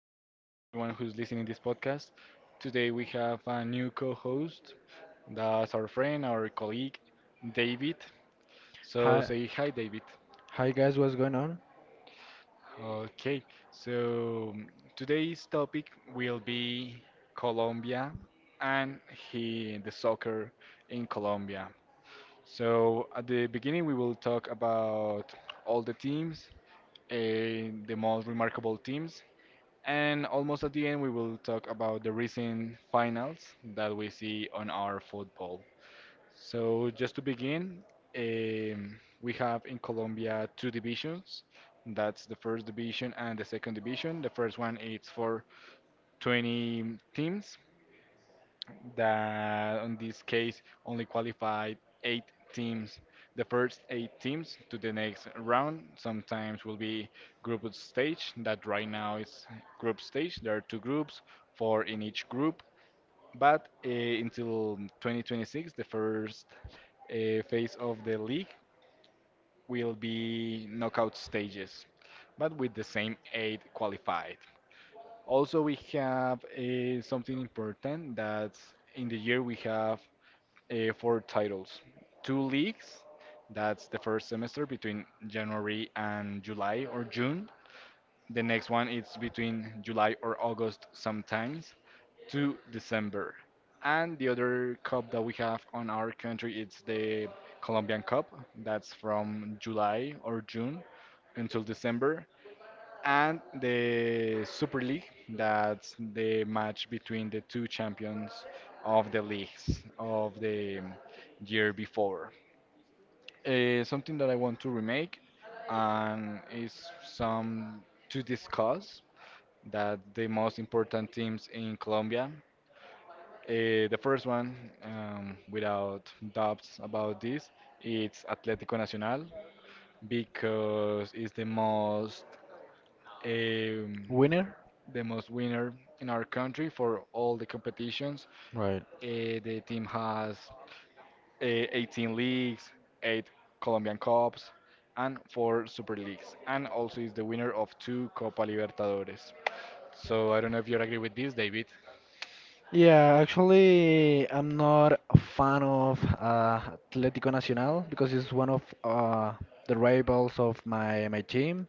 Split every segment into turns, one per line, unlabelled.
for everyone who's listening this podcast. Today we have a new co-host, that's our friend, our colleague, David. So
Hi,
say hi, David.
hi guys, what's going on?
Okay, so today's topic will be Colombia and the soccer in Colombia. So at the beginning we will talk about all the teams, the most remarkable teams. And almost at the end, we will talk about the recent finals that we see on our football. So, just to begin, um, we have in Colombia two divisions. That's the first division and the second division. The first one is for 20 teams, that in this case only qualified eight teams. The first eight teams to the next round sometimes will be group stage, that right now is group stage. There are two groups, four in each group. But until 2026, the first phase of the league will be knockout stages, but with the same eight qualified. Also, we have something important that's in the year we have four titles, two leagues. That's the first semester between January and July or June. The next one is between July or August sometimes to December. And the other cup that we have on our country it's the Colombian Cup. That's from July or June until December and the Super League, that's the match between the two champions of the leagues of the year before. Something that I want to remake and is some to discuss that the most important teams in Colombia. The first one, without doubts about this, it's Atlético Nacional because it's um,
Winner?
the most winner in our country for all the competitions.
Right.
The team has uh, 18 leagues, 8 Colombian Cups, and 4 Super Leagues, and also is the winner of 2 Copa Libertadores. So I don't know if you agree with this, David.
Yeah, actually, I'm not a fan of Atlético Nacional because it's one of the rivals of my team.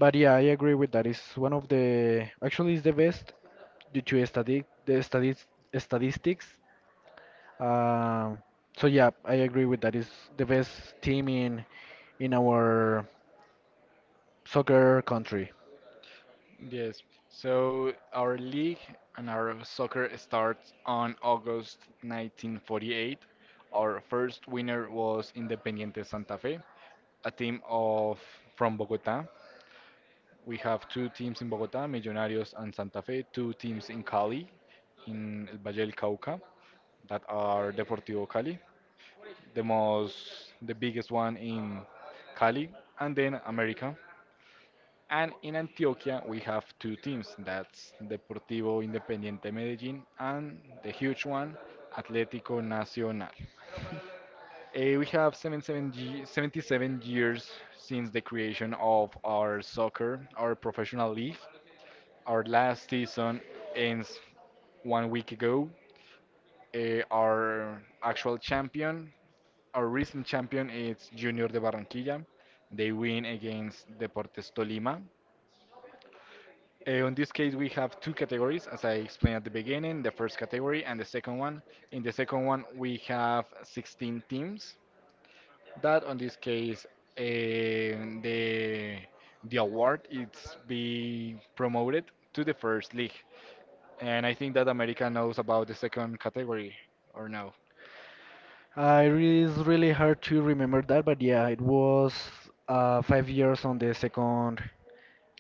But yeah, I agree with that. It's one of the actually it's the best due to study the studies statistics. Um, so yeah, I agree with that. It's the best team in our soccer country.
Yes. So our league and our soccer starts on August 1948. Our first winner was Independiente Santa Fe, a team of from Bogota. We have two teams in Bogotá, Millonarios and Santa Fe, two teams in Cali, in El Valle del Cauca, that are Deportivo Cali, the biggest one in Cali, and then America. And in Antioquia, we have two teams, that's Deportivo Independiente Medellín and the huge one, Atlético Nacional. We have 77 years since the creation of our soccer, our professional league, our last season ends one week ago. Our actual champion, our recent champion, is Junior de Barranquilla. They win against Deportes Tolima. On this case, we have two categories, as I explained at the beginning, the first category and the second one. In the second one, we have 16 teams. That, on this case, eh, the the award it's be promoted to the first league. And I think that America knows about the second category, or no?
It is really hard to remember that, but yeah, it was 5 years on the second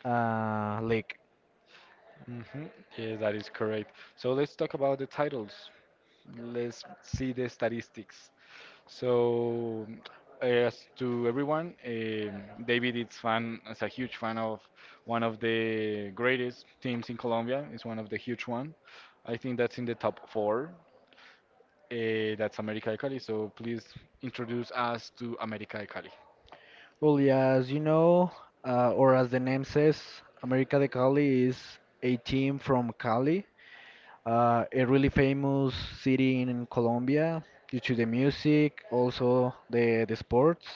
league.
Hmm. Yes, that is correct. So let's talk about the titles. Let's see the statistics. So, as to everyone, David is a huge fan of one of the greatest teams in Colombia. It's one of the huge one. I think that's in the top four. That's América de Cali. So please introduce us to América de Cali.
Well, yeah, as you know, or as the name says, América de Cali is a team from Cali. A really famous city in Colombia due to the music, also the sports.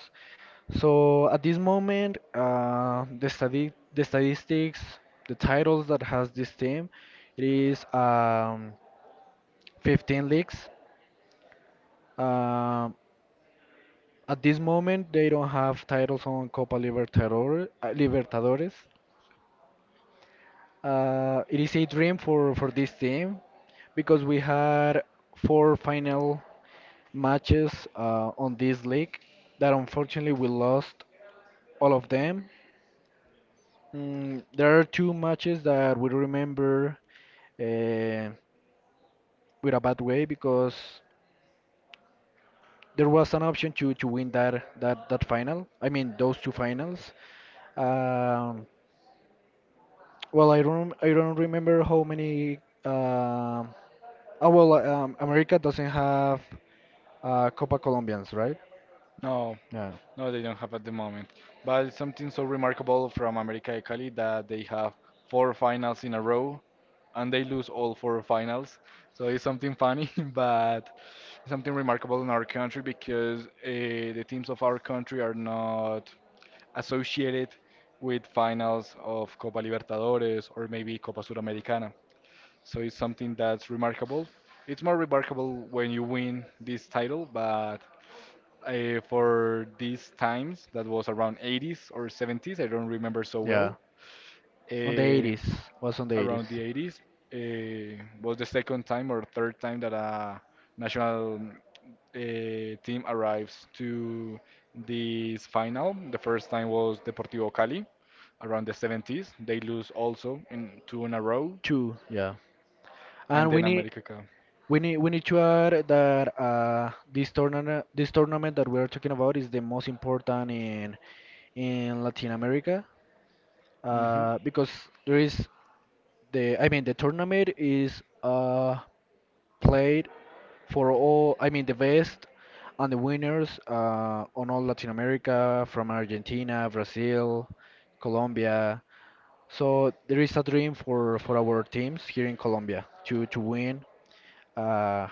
So at this moment, the statistics, the titles that has this team, it is 15 leagues. Um, at this moment, they don't have titles on Copa Libertadores, Libertadores. It is a dream for this team because we had four final matches on this league that unfortunately we lost all of them. Mm, there are two matches that we remember uh, with a bad way because there was an option to win that final. I mean, those two finals. Um, I don't remember how many. um America doesn't have Copa Colombians, right?
No,
Yeah,
no, they don't have at the moment. But something so remarkable from America de Cali that they have four finals in a row and they lose all four finals. So it's something funny, but something remarkable in our country because the teams of our country are not associated with finals of Copa Libertadores or maybe Copa Suramericana. So it's something that's remarkable. It's more remarkable when you win this title, but for these times that was around 80s or 70s, I don't remember so
yeah.
well.
On the
uh,
80s, was on the 80s.
Around the 80s was the second time or third time that a national team arrives to this final. The first time was Deportivo Cali around the 70s. They lose also in two in a row.
Two, yeah.
And
And
then America Cup.
we need to add that this tournament that we're talking about is the most important in Latin America,
Hmm.
because there is the I mean the tournament is played for all I mean the best and the winners on all Latin America, from Argentina, Brazil, Colombia. So there is a dream for our teams here in Colombia to win uh,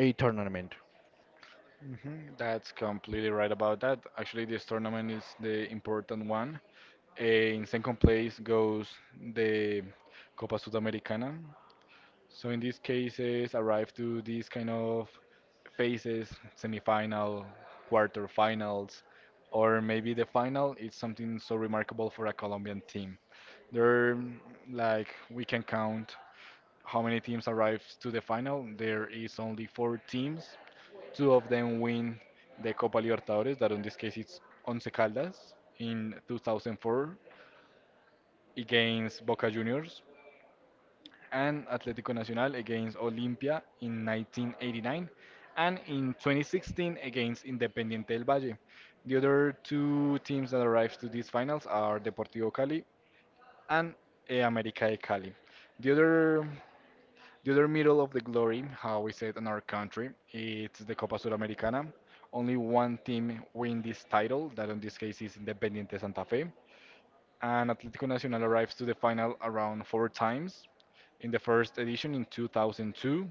a tournament.
Hmm. That's completely right about that. Actually, this tournament is the important one. In second place goes the Copa Sudamericana. So in these cases, arrive to these kind of phases, semifinal, quarter finals, or maybe the final is something so remarkable for a Colombian team. There, like we can count how many teams arrives to the final. There is only four teams. Two of them win the Copa Libertadores, that in this case it's Once Caldas in 2004 against Boca Juniors and Atlético Nacional against Olimpia in 1989 and in 2016 against Independiente del Valle. The other two teams that arrived to these finals are Deportivo Cali and América de Cali. The other the other middle of the glory, how we say it in our country, it's the Copa Suramericana. Only one team win this title, that in this case is Independiente Santa Fe. And Atlético Nacional arrives to the final around four times in the first edition in 2002,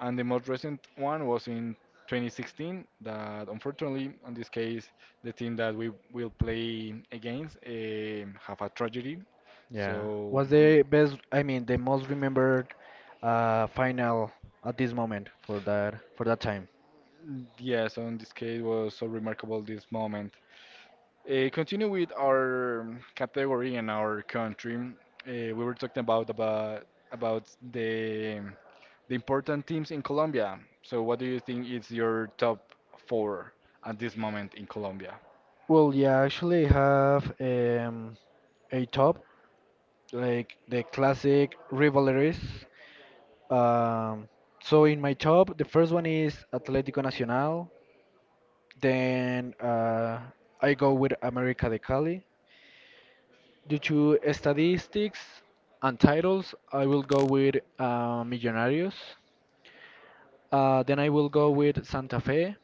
and the most recent one was in 2016. That unfortunately, in this case, the team that we will play against have a tragedy.
Yeah.
So
What's
mm,
the best, I mean, the most remembered final at this moment for that time?
yes, so in this case was so remarkable this moment. Continue with our category and our country. We were talking about the the important teams in Colombia. So, what do you think is your top four at this moment in Colombia?
Well, yeah, actually I have a top like the classic rivalries. Um, so in my top, the first one is Atlético Nacional. Then I go with América de Cali. Due to statistics and titles, I will go with Millonarios. Then I will go with Santa Fe.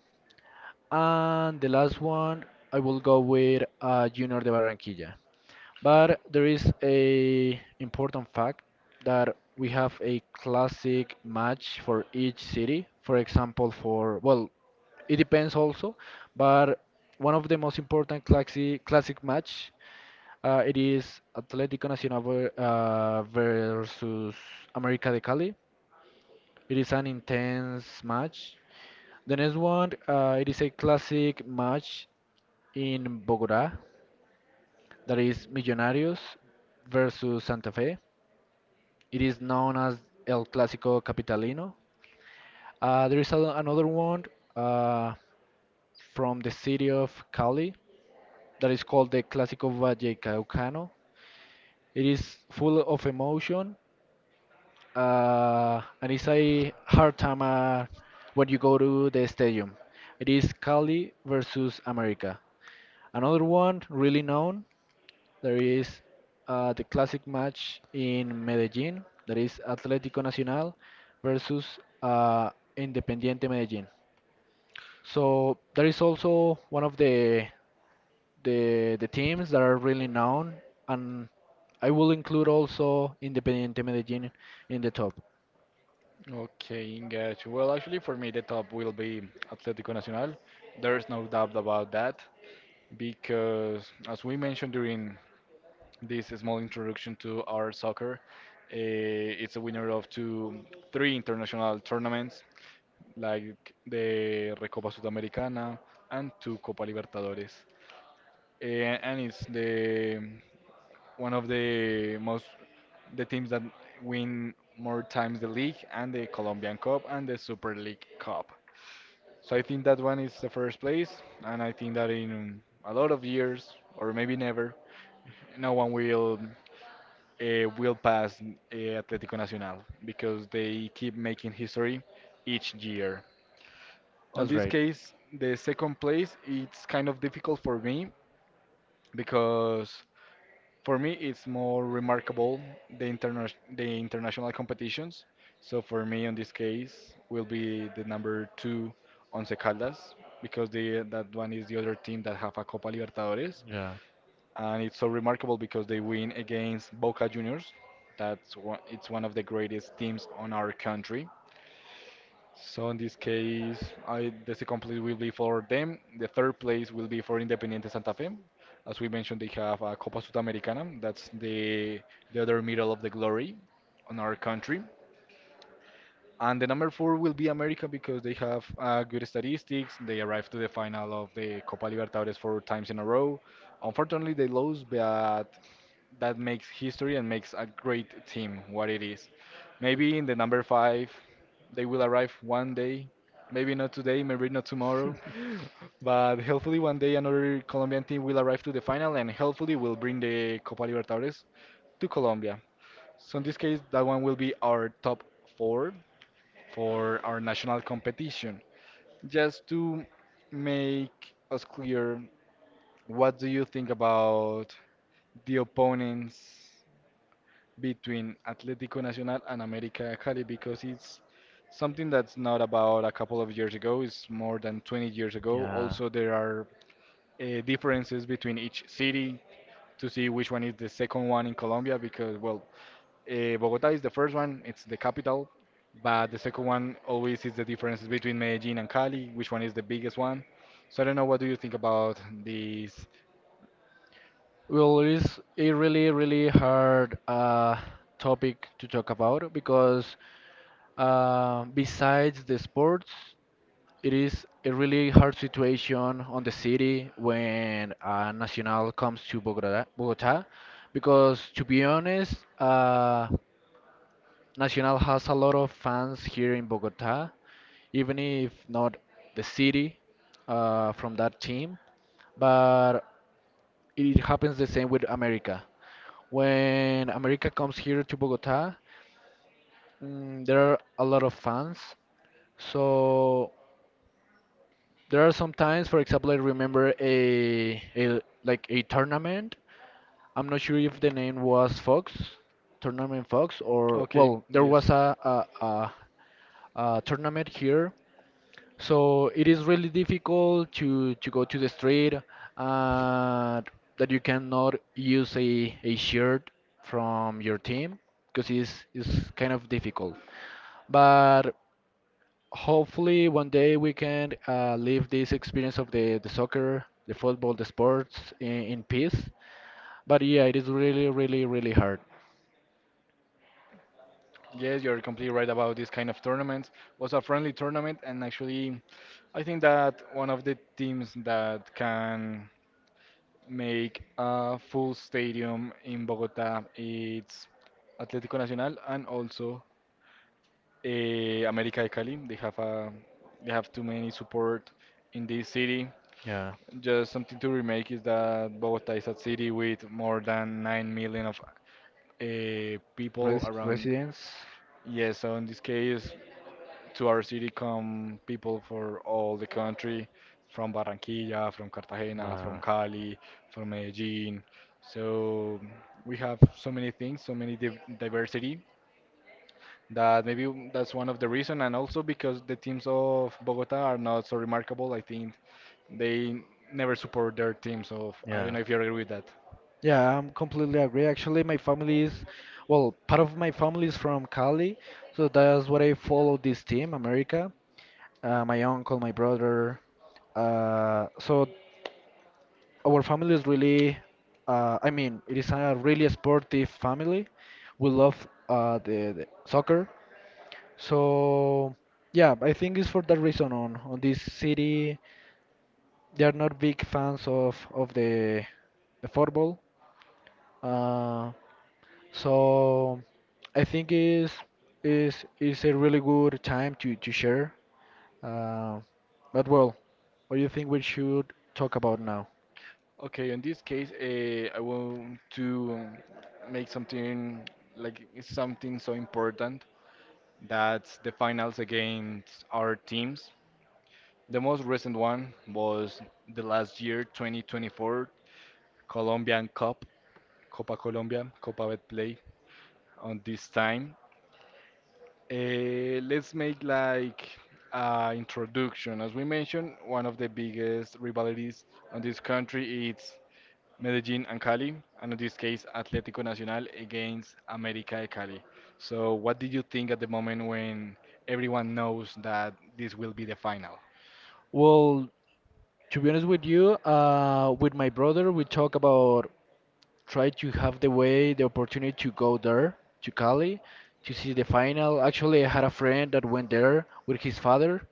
And the last one, I will go with Junior de Barranquilla. But there is a important fact that we have a classic match for each city. For example, for, well, it depends also, but one of the most important classic match, it is Atlético Nacional versus América de Cali. It is an intense match. The next one, it is a classic match in Bogotá, that is Millonarios versus Santa Fe. It is known as El Clásico Capitalino. There is another one uh, from the city of Cali that is called the Clásico Vallecaucano. It is full of emotion, and it's a hard time when you go to the stadium. It is Cali versus America. Another one really known, there is the classic match in Medellin, that is Atlético Nacional versus Independiente Medellin. So there is also one of the teams that are really known, and I will include also Independiente Medellin in the top.
Okay, engage. Well, actually, for me, the top will be Atlético Nacional. There's no doubt about that because, as we mentioned during this small introduction to our soccer, it's a winner of two, three international tournaments like the Recopa Sudamericana and two Copa Libertadores. And it's the one of the teams that win more times the league and the Colombian Cup and the Super League Cup. So I think that one is the first place, and I think that in a lot of years or maybe never, no one will will pass Atlético Nacional because they keep making history each year. On
That's
this
right.
case, the second place it's kind of difficult for me because For me, it's more remarkable the international competitions. So for me, in this case, will be the number two Once Caldas because the that one is the other team that have a Copa Libertadores,
Yeah.
and it's so remarkable because they win against Boca Juniors. That's one, it's one of the greatest teams on our country. So in this case, the second place will be for them. The third place will be for Independiente Santa Fe. As we mentioned, they have a Copa Sudamericana. That's the other medal of the glory on our country. And the number four will be America because they have good statistics. They arrived to the final of the Copa Libertadores four times in a row. Unfortunately, they lost, but that makes history and makes a great team what it is. Maybe in the number five, they will arrive one day. Maybe not today, maybe not tomorrow, but hopefully one day another Colombian team will arrive to the final and hopefully will bring the Copa Libertadores to Colombia. So in this case, that one will be our top four for our national competition. Just to make us clear, what do you think about the opponents between Atlético Nacional and América de Cali because it's something that's not about a couple of years ago, it's more than 20 years ago.
Yeah.
Also, there are differences between each city to see which one is the second one in Colombia because, well, Bogota is the first one, it's the capital, but the second one always is the differences between Medellin and Cali, which one is the biggest one. So I don't know what do you think about these.
Well, it's a really, really hard topic to talk about because besides the sports, it is a really hard situation on the city when Nacional comes to Bogota, because to be honest, Nacional has a lot of fans here in Bogota, even if not the city from that team. But it happens the same with America. When America comes here to Bogota, mm, there are a lot of fans. So there are some times, for example, I remember a like a tournament. I'm not sure if the name was Fox, Tournament Fox, or
Okay,
well, there
yes.
was a tournament here. So it is really difficult to go to the street, uh, that you cannot use a shirt from your team because it's kind of difficult. But hopefully one day we can live this experience of the soccer, the football, the sports in peace. But yeah, it is really, really, really hard.
Yes, you're completely right about this kind of tournament. Was a friendly tournament, and actually, I think that one of the teams that can make a full stadium in Bogota it's Atlético Nacional and also América de Cali. They have too many support in this city.
Yeah.
Just something to remake is that Bogota is a city with more than 9 million of people around.
Residents.
Yeah, so in this case, to our city come people for all the country, from Barranquilla, from Cartagena, from
Uh,
Cali, from Medellin. So we have so many things, so many diversity that that's one of the reason, and also because the teams of Bogota are not so remarkable. I think they never support their teams, so I
yeah.
don't know if you agree with that.
Yeah, I'm completely agree. Actually, my family is, well, part of my family is from Cali, so that's what I follow this team, America. My uncle, my brother. So our family is really, I mean, it is a really sportive family. We love the soccer. So yeah, I think it's for that reason. On this city, they are not big fans of the football. Uh, So I think is a really good time to share. Uh, but well, what do you think we should talk about now?
Okay, in this case, I want to make something like it's something so important. That's the finals against our teams. The most recent one was the last year, 2024 Colombian Cup, Copa Colombia, Copa Betplay. On this time, let's make like introduction. As we mentioned, one of the biggest rivalries on this country is Medellin and Cali, and in this case, Atlético Nacional against América de Cali. So, what did you think at the moment when everyone knows that this will be the final?
Well, to be honest with you, with my brother, we talk about try to have the way, the opportunity to go there to Cali to see the final. Actually, I had a friend that went there with his father.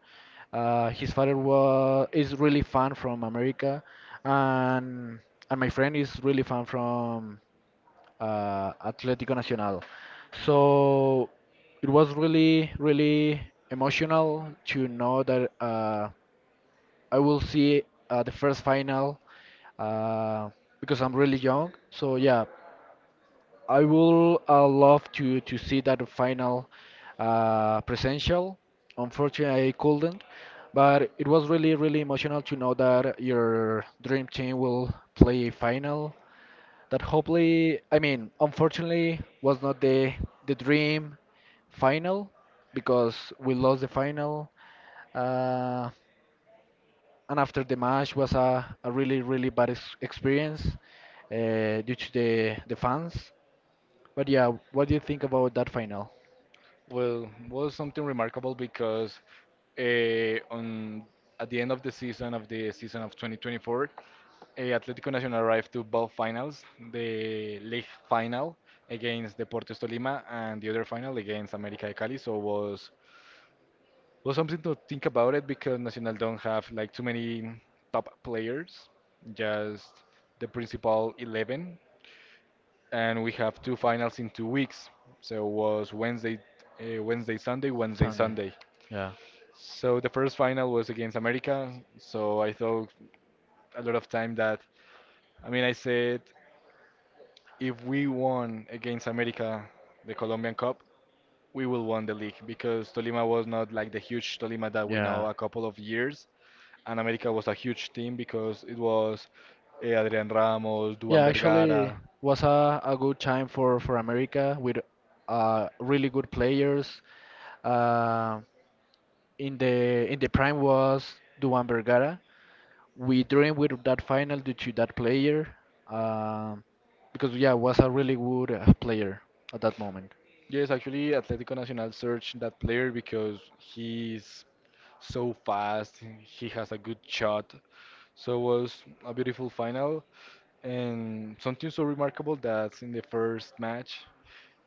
His father was is really fan from America, and my friend is really fan from Atlético Nacional. So it was really, really emotional to know that I will see the first final, uh, because I'm really young. So yeah, I will love to see that final, presential. Unfortunately, I couldn't, but it was really, really emotional to know that your dream team will play a final that hopefully I mean unfortunately was not the the dream final because we lost the final, uh, and after the match was a really really bad experience due to the fans. But yeah, what do you think about that final?
Well, was something remarkable because on at the end of the season of 2024, Atlético Nacional arrived to both finals, the league final against Deportes Tolima and the other final against América de Cali. So was well, something to think about it because Nacional don't have like too many top players, just the principal 11, and we have two finals in 2 weeks. So it was Wednesday, Sunday, Wednesday,
Sunday,
Sunday.
yeah.
So the first final was against America. So I thought a lot of time that, I mean, I said if we won against America, the Colombian Cup, we will won the league because Tolima was not like the huge Tolima that we know
Yeah.
a couple of years, and America was a huge team because it was Adrian Ramos, Duan
Yeah, actually
Vergara.
was a good time for America with really good players. Uh, in the prime was Duan Vergara. We dreamed with that final due to that player, um, because yeah, was a really good player at that moment.
Yes, actually, Atlético Nacional searched that player because he's so fast. He has a good shot. So it was a beautiful final and something so remarkable that in the first match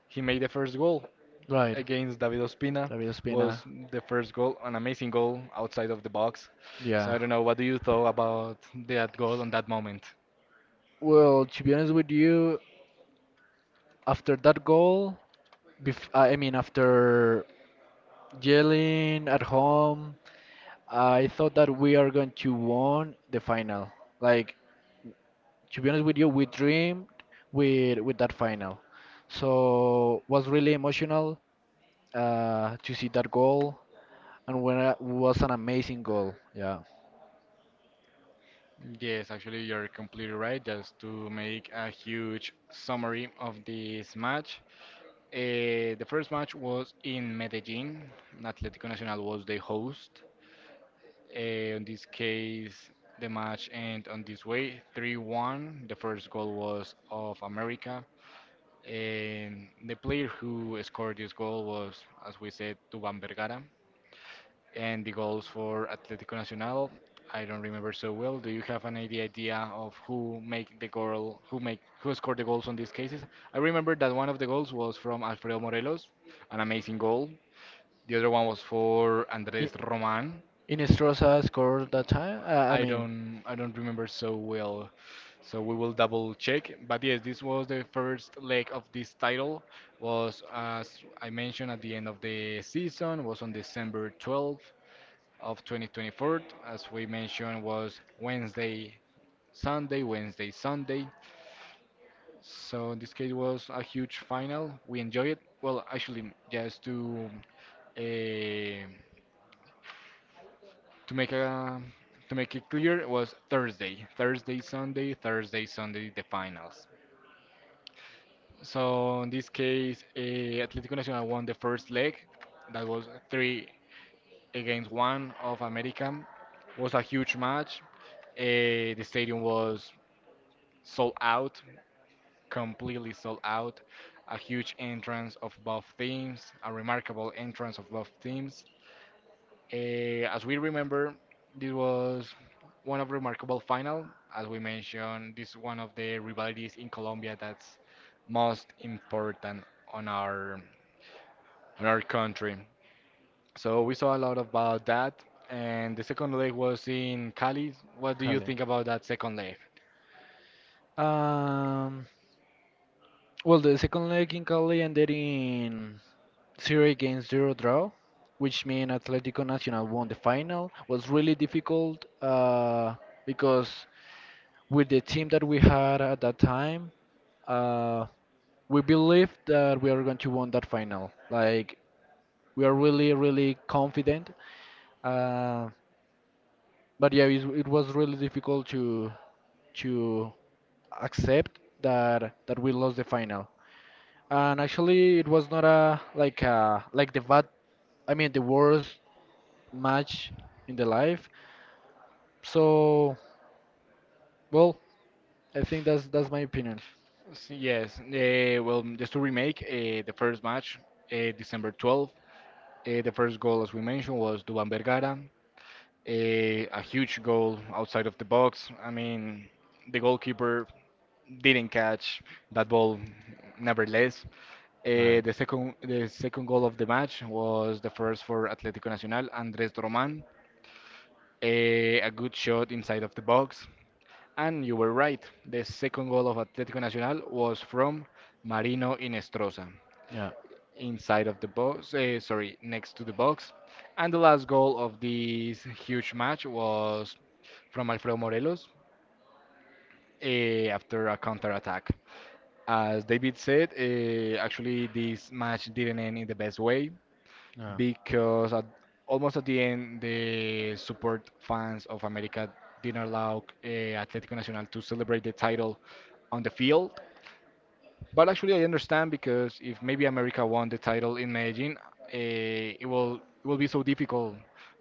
he made the first goal
Right.
against David Ospina.
David Ospina.
Was the first goal, an amazing goal outside of the box. So
Yeah.
I don't know what do you thought about that goal on that moment?
Well, to be honest with you, after that goal, bef I mean after yelling at home, I thought that we are going to won the final. Like, to be honest with you, we dreamed with that final. So was really emotional to see that goal, and when it was an amazing goal. Yeah.
Yes, actually, you're completely right. Just to make a huge summary of this match, the first match was in Medellin. Atlético Nacional was the host. In this case, the match ended on this way 3-1. The first goal was of America. And the player who scored this goal was, as we said, Tuban Vergara. And the goals for Atlético Nacional, I don't remember so well. Do you have any idea of who make the goal, who make, who scored the goals on these cases? I remember that one of the goals was from Alfredo Morelos, an amazing goal. The other one was for Andrés
I-
Román.
Inestrosa scored that time. I
I
mean,
don't, I don't remember so well. So we will double check. But yes, this was the first leg of this title. Was as I mentioned at the end of the season. Was on December 12th of 2024, as we mentioned, was Wednesday, Sunday, Wednesday, Sunday. So in this case was a huge final. We enjoyed it. Well, actually, just uh, to make a to make it clear, it was Thursday, Sunday, Thursday, Sunday, the finals. So in this case, Atlético Nacional won the first leg. That was three against one of America. Was a huge match. The stadium was sold out, completely sold out. A huge entrance of both teams, a remarkable entrance of both teams. As we remember, this was one of remarkable final. As we mentioned, this is one of the rivalities in Colombia that's most important on our on our country. So we saw a lot about that. And the second leg was in Cali. What do you
Cali.
think about that second leg?
Um, well, the second leg in Cali ended in zero against zero draw, which mean Atlético Nacional won the final. Was really difficult, because with the team that we had at that time, uh, we believe that we are going to win that final. Like, we are really, really confident. Uh, but yeah, it was really difficult to accept that we lost the final. And actually, it was not a like a like the bad. I mean, the worst match in the life. So well, I think that's my opinion.
Yes, well, just to remake the first match, December 12th, the first goal, as we mentioned, was Duban Vergara, a huge goal outside of the box. I mean, the goalkeeper didn't catch that ball, nevertheless. Uh,
Right.
the second, the second goal of the match was the first for Atlético Nacional, Andrés Román, a good shot inside of the box. And you were right, the second goal of Atlético Nacional was from Marino Inestrosa.
Yeah,
Inside of the box, sorry, next to the box. And the last goal of this huge match was from Alfredo Morelos after a counter attack. As David said, actually, this match didn't end in the best way
yeah.
because at, almost at the end, the support fans of America didn't allow Atlético Nacional to celebrate the title on the field. But actually, I understand because if maybe America won the title, imagine it will be so difficult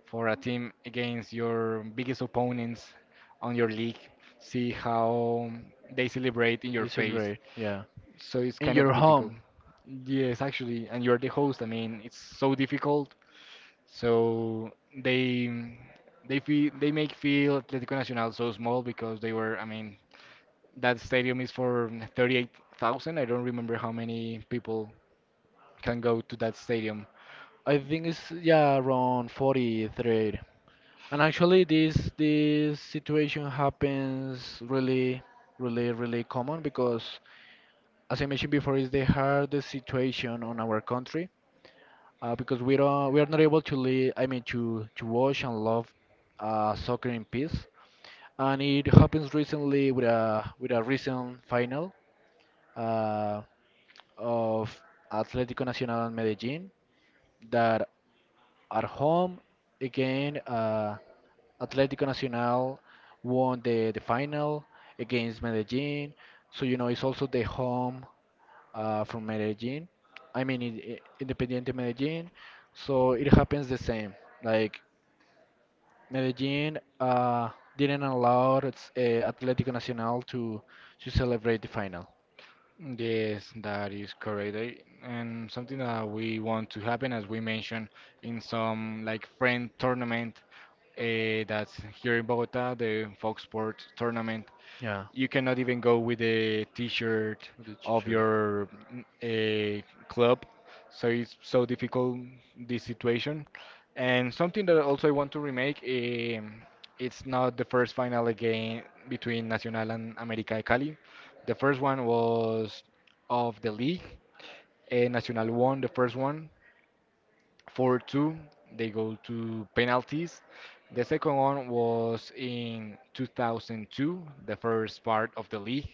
for a team against your biggest opponents on your league. See how they celebrate in your
This is
face.
great. Yeah,
So it's
in
kind of
your
difficult.
home.
Yes, actually, and you're the host. I mean, it's so difficult. So they they make feel Atlético Nacional so small because they were. I mean, that stadium is for 38,000. I don't remember how many people can go to that stadium.
I think it's yeah around 43. And actually this situation happens really really common because as I mentioned before, it's the hardest situation on our country, because we are not able to live, I mean, to watch and love soccer in peace. And it happens recently with a recent final, uh, of Atlético Nacional and Medellín, that at home again. Atlético Nacional won the final against Medellin. So, you know, it's also the home from Medellin. I mean, Independiente Medellin. So it happens the same. Like, Medellin didn't allow its, Atlético Nacional to celebrate the final.
Yes, that is correct. And something that we want to happen, as we mentioned, in some like friend tournament that's here in Bogota, the Fox Sports tournament.
Yeah.
You cannot even go with a t-shirt
That's
of
sure.
your a club, so it's so difficult this situation. And something that also I want to remake, um, it's not the first final again between Nacional and america de Cali. The first one was of the league, and Nacional won the first one 4-2. They go to penalties. The second one was in 2002, the first part of the league,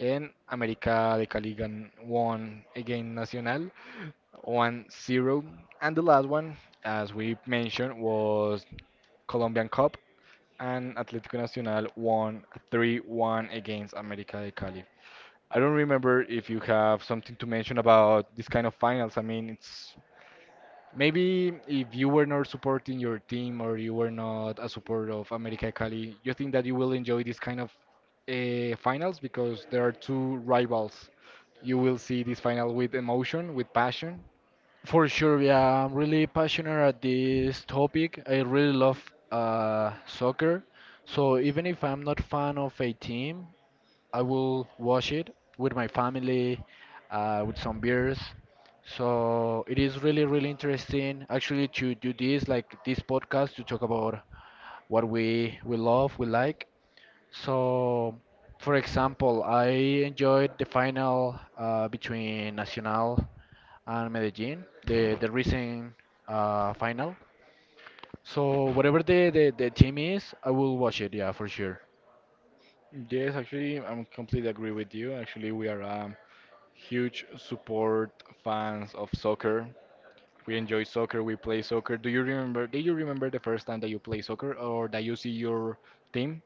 and América de Cali won against Nacional 1-0. And the last one, as we mentioned, was Colombian Cup, and Atlético Nacional won 3-1 against América de Cali. I don't remember if you have something to mention about this kind of finals. I mean, it's, maybe if you were not supporting your team or you were not a supporter of America Cali, you think that you will enjoy this kind of finals because there are two rivals. You will see this final with emotion, with passion.
For sure, yeah, I'm really passionate at this topic. I really love soccer. So even if I'm not fan of a team, I will watch it with my family, with some beers. So it is really, really interesting actually to do this, like this podcast, to talk about what we love, we like. So, for example, I enjoyed the final between Nacional and Medellin, the recent final. So whatever the team is, I will watch it. Yeah, for sure.
Yes, actually, I'm completely agree with you. Actually, we are huge support fans of soccer. We enjoy soccer. We play soccer. Do you remember? Do you remember the first time that you play soccer or that you see your team?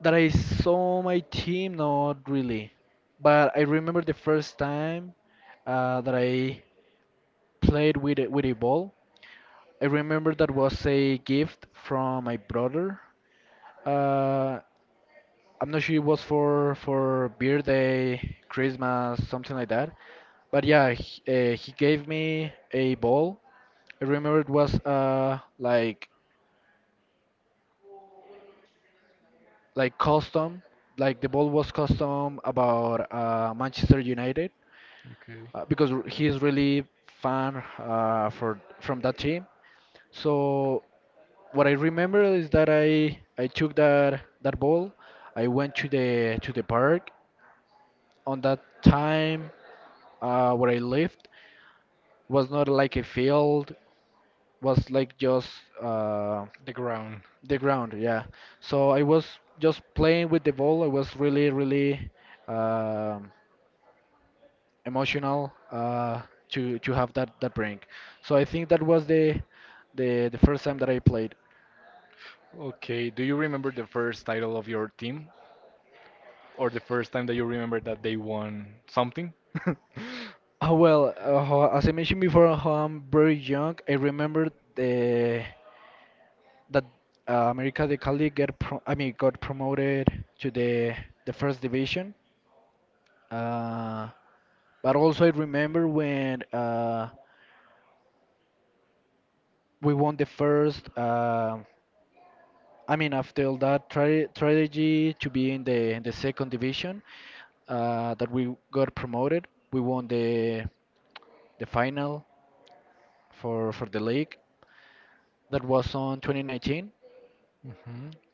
That I saw my team, not really. But I remember the first time that I played with with a ball. I remember that was a gift from my brother. Uh, I'm not sure it was for birthday, Christmas, something like that. But yeah, he gave me a ball. I remember it was like custom, like the ball was custom about Manchester United
Okay.
because he is really fan for from that team. So what I remember is that I took that ball. I went to the park. On that time where I lived was not like a field, was like just uh,
The ground.
the ground. Yeah. So I was just playing with the ball. I was really really. Um, emotional, to have that break. So I think that was the first time that I played.
Okay, do you remember the first title of your team? Or the first time that you remember that they won something? hmm
Oh well, as I mentioned before, how I'm very young. I remember the that America de Cali get pro I mean got promoted to the first division. Uh, but also I remember when we won the first. I mean, after all that tra strategy to be in the second division, that we got promoted, we won the final for the league. That was on 2019.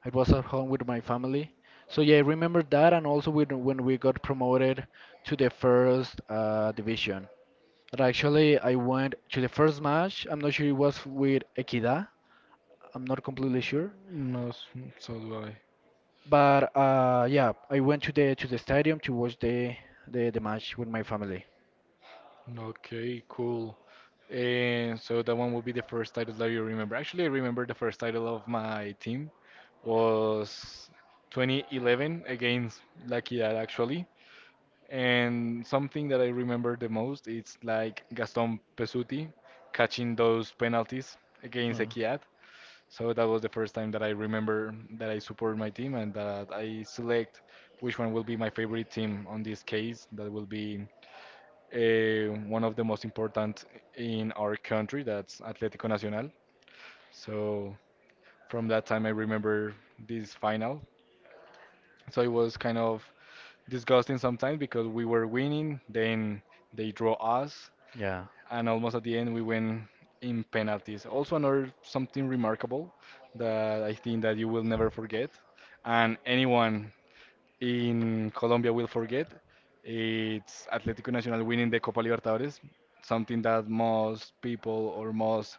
It was at home with my family. So yeah, I remember that, and also with, when we got promoted to the first division. That actually I went to the first match. I'm not sure it was with Equidad. I'm not completely sure.
No, so do I.
But yeah, I went to the stadium to watch the match with my family.
Okay, cool. And so that one will be the first title that you remember. Actually, I remember the first title of my team was 2011 against Lucky Dad, actually. And something that I remember the most is like Gaston Pesuti catching those penalties against
Uh,
Equidad. So that was the first time that I remember that I support my team and that I select which one will be my favorite team. On this case, that will be one of the most important in our country, that's Atlético Nacional. So from that time, I remember this final. So it was kind of disgusting sometimes because we were winning, then they draw us,
yeah,
and almost at the end we win in penalties. Also another something remarkable that I think that you will never forget, and anyone in Colombia will forget. It's Atlético Nacional winning the Copa Libertadores, something that most people or most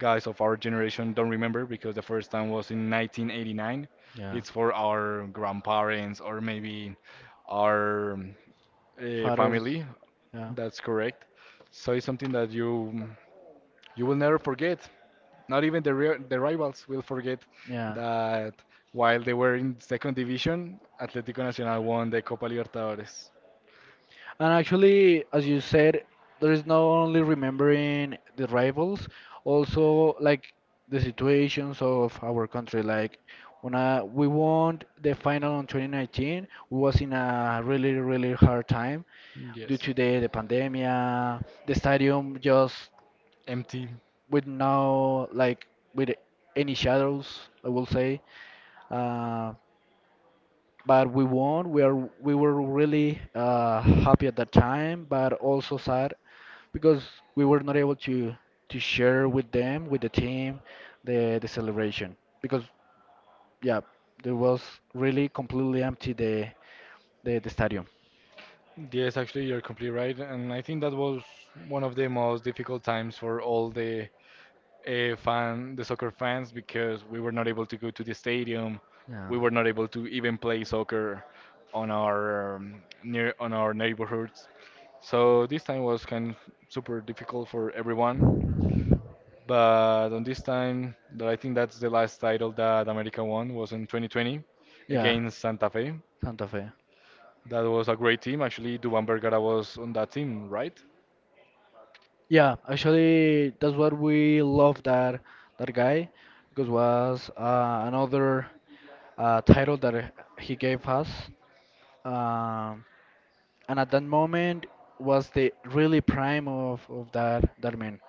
guys of our generation don't remember because the first time was in 1989.
yeah.
It's for our grandparents or maybe our
Fathers,
family.
yeah,
That's correct. So it's something that you will never forget. Not even the rivals will forget
yeah.
that while they were in second division, Atlético Nacional won the Copa Libertadores.
And actually, as you said, there is not only remembering the rivals, also like the situations of our country. Like when we won the final in 2019, we was in a really, really hard time due
Yes.
to the pandemia, the stadium just
Empty.
with no like with any shadows, I will say. Uh, but we won. We were really happy at that time, but also sad because we were not able to share with them, with the team, the celebration because yeah, there was really completely empty the stadium.
Yes, actually, you're completely right, and I think that was one of the most difficult times for all the fan, the soccer fans, because we were not able to go to the stadium,
Yeah,
we were not able to even play soccer on our near on our neighborhoods. So this time was kind of super difficult for everyone. But on this time, that I think that's the last title that America won was in 2020
yeah,
against Santa Fe.
Santa Fe.
That was a great team. Actually, Duban Vergara was on that team, right?
Yeah, actually that's what we love that that guy because was another title that he gave us. Um, and at that moment was the really prime of, that man.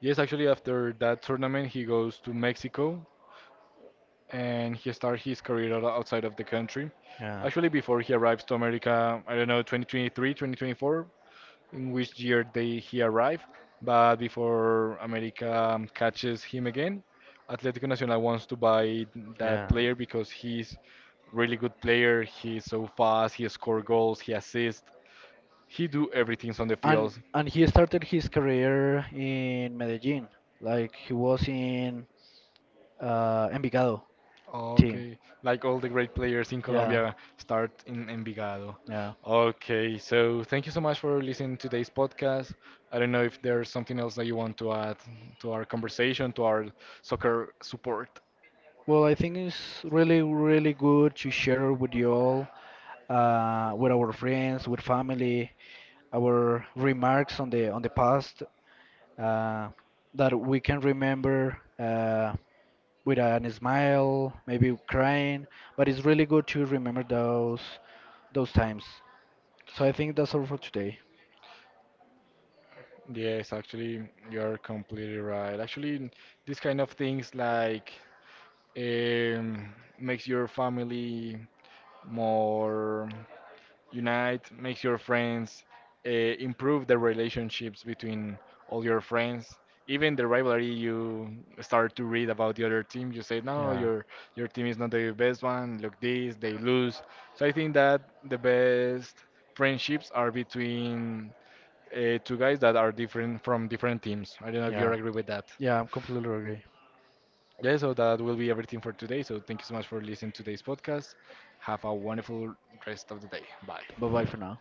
Yes, actually, after that tournament, he goes to Mexico and he starts his career outside of the country.
Yeah,
Actually, before he arrives to America, I don't know, 2023, 2024, in which year they he arrived, but before America catches him again, Atlético Nacional wants to buy that
yeah.
player because he's really good player. He's so fast. He score goals. He assists. He do everything on the
And
field.
he started his career in Medellin, like he was in Envigado team.
Okay, like all the great players in
Yeah,
Colombia start in Envigado.
yeah.
Okay, so thank you so much for listening to today's podcast. I don't know if there's something else that you want to add to our conversation, to our soccer support.
Well, I think it's really really good to share with you all, with our friends, with family, our remarks on the past uh, that we can remember. With an smile, maybe crying, but it's really good to remember those times. So I think that's all for today.
Yes, actually, you're completely right. Actually, these kind of things like makes your family more unite, make your friends, improve the relationships between all your friends. Even the rivalry you start to read about the other team, you say, no,
Yeah,
your team is not the best one. Look this, they lose. So I think that the best friendships are between two guys that are different from different teams. I don't know if you
yeah,
agree with that.
yeah, I'm completely agree.
Yeah, so that will be everything for today. So thank you so much for listening to today's podcast. Have a wonderful rest of the day. Bye.
Bye bye for now.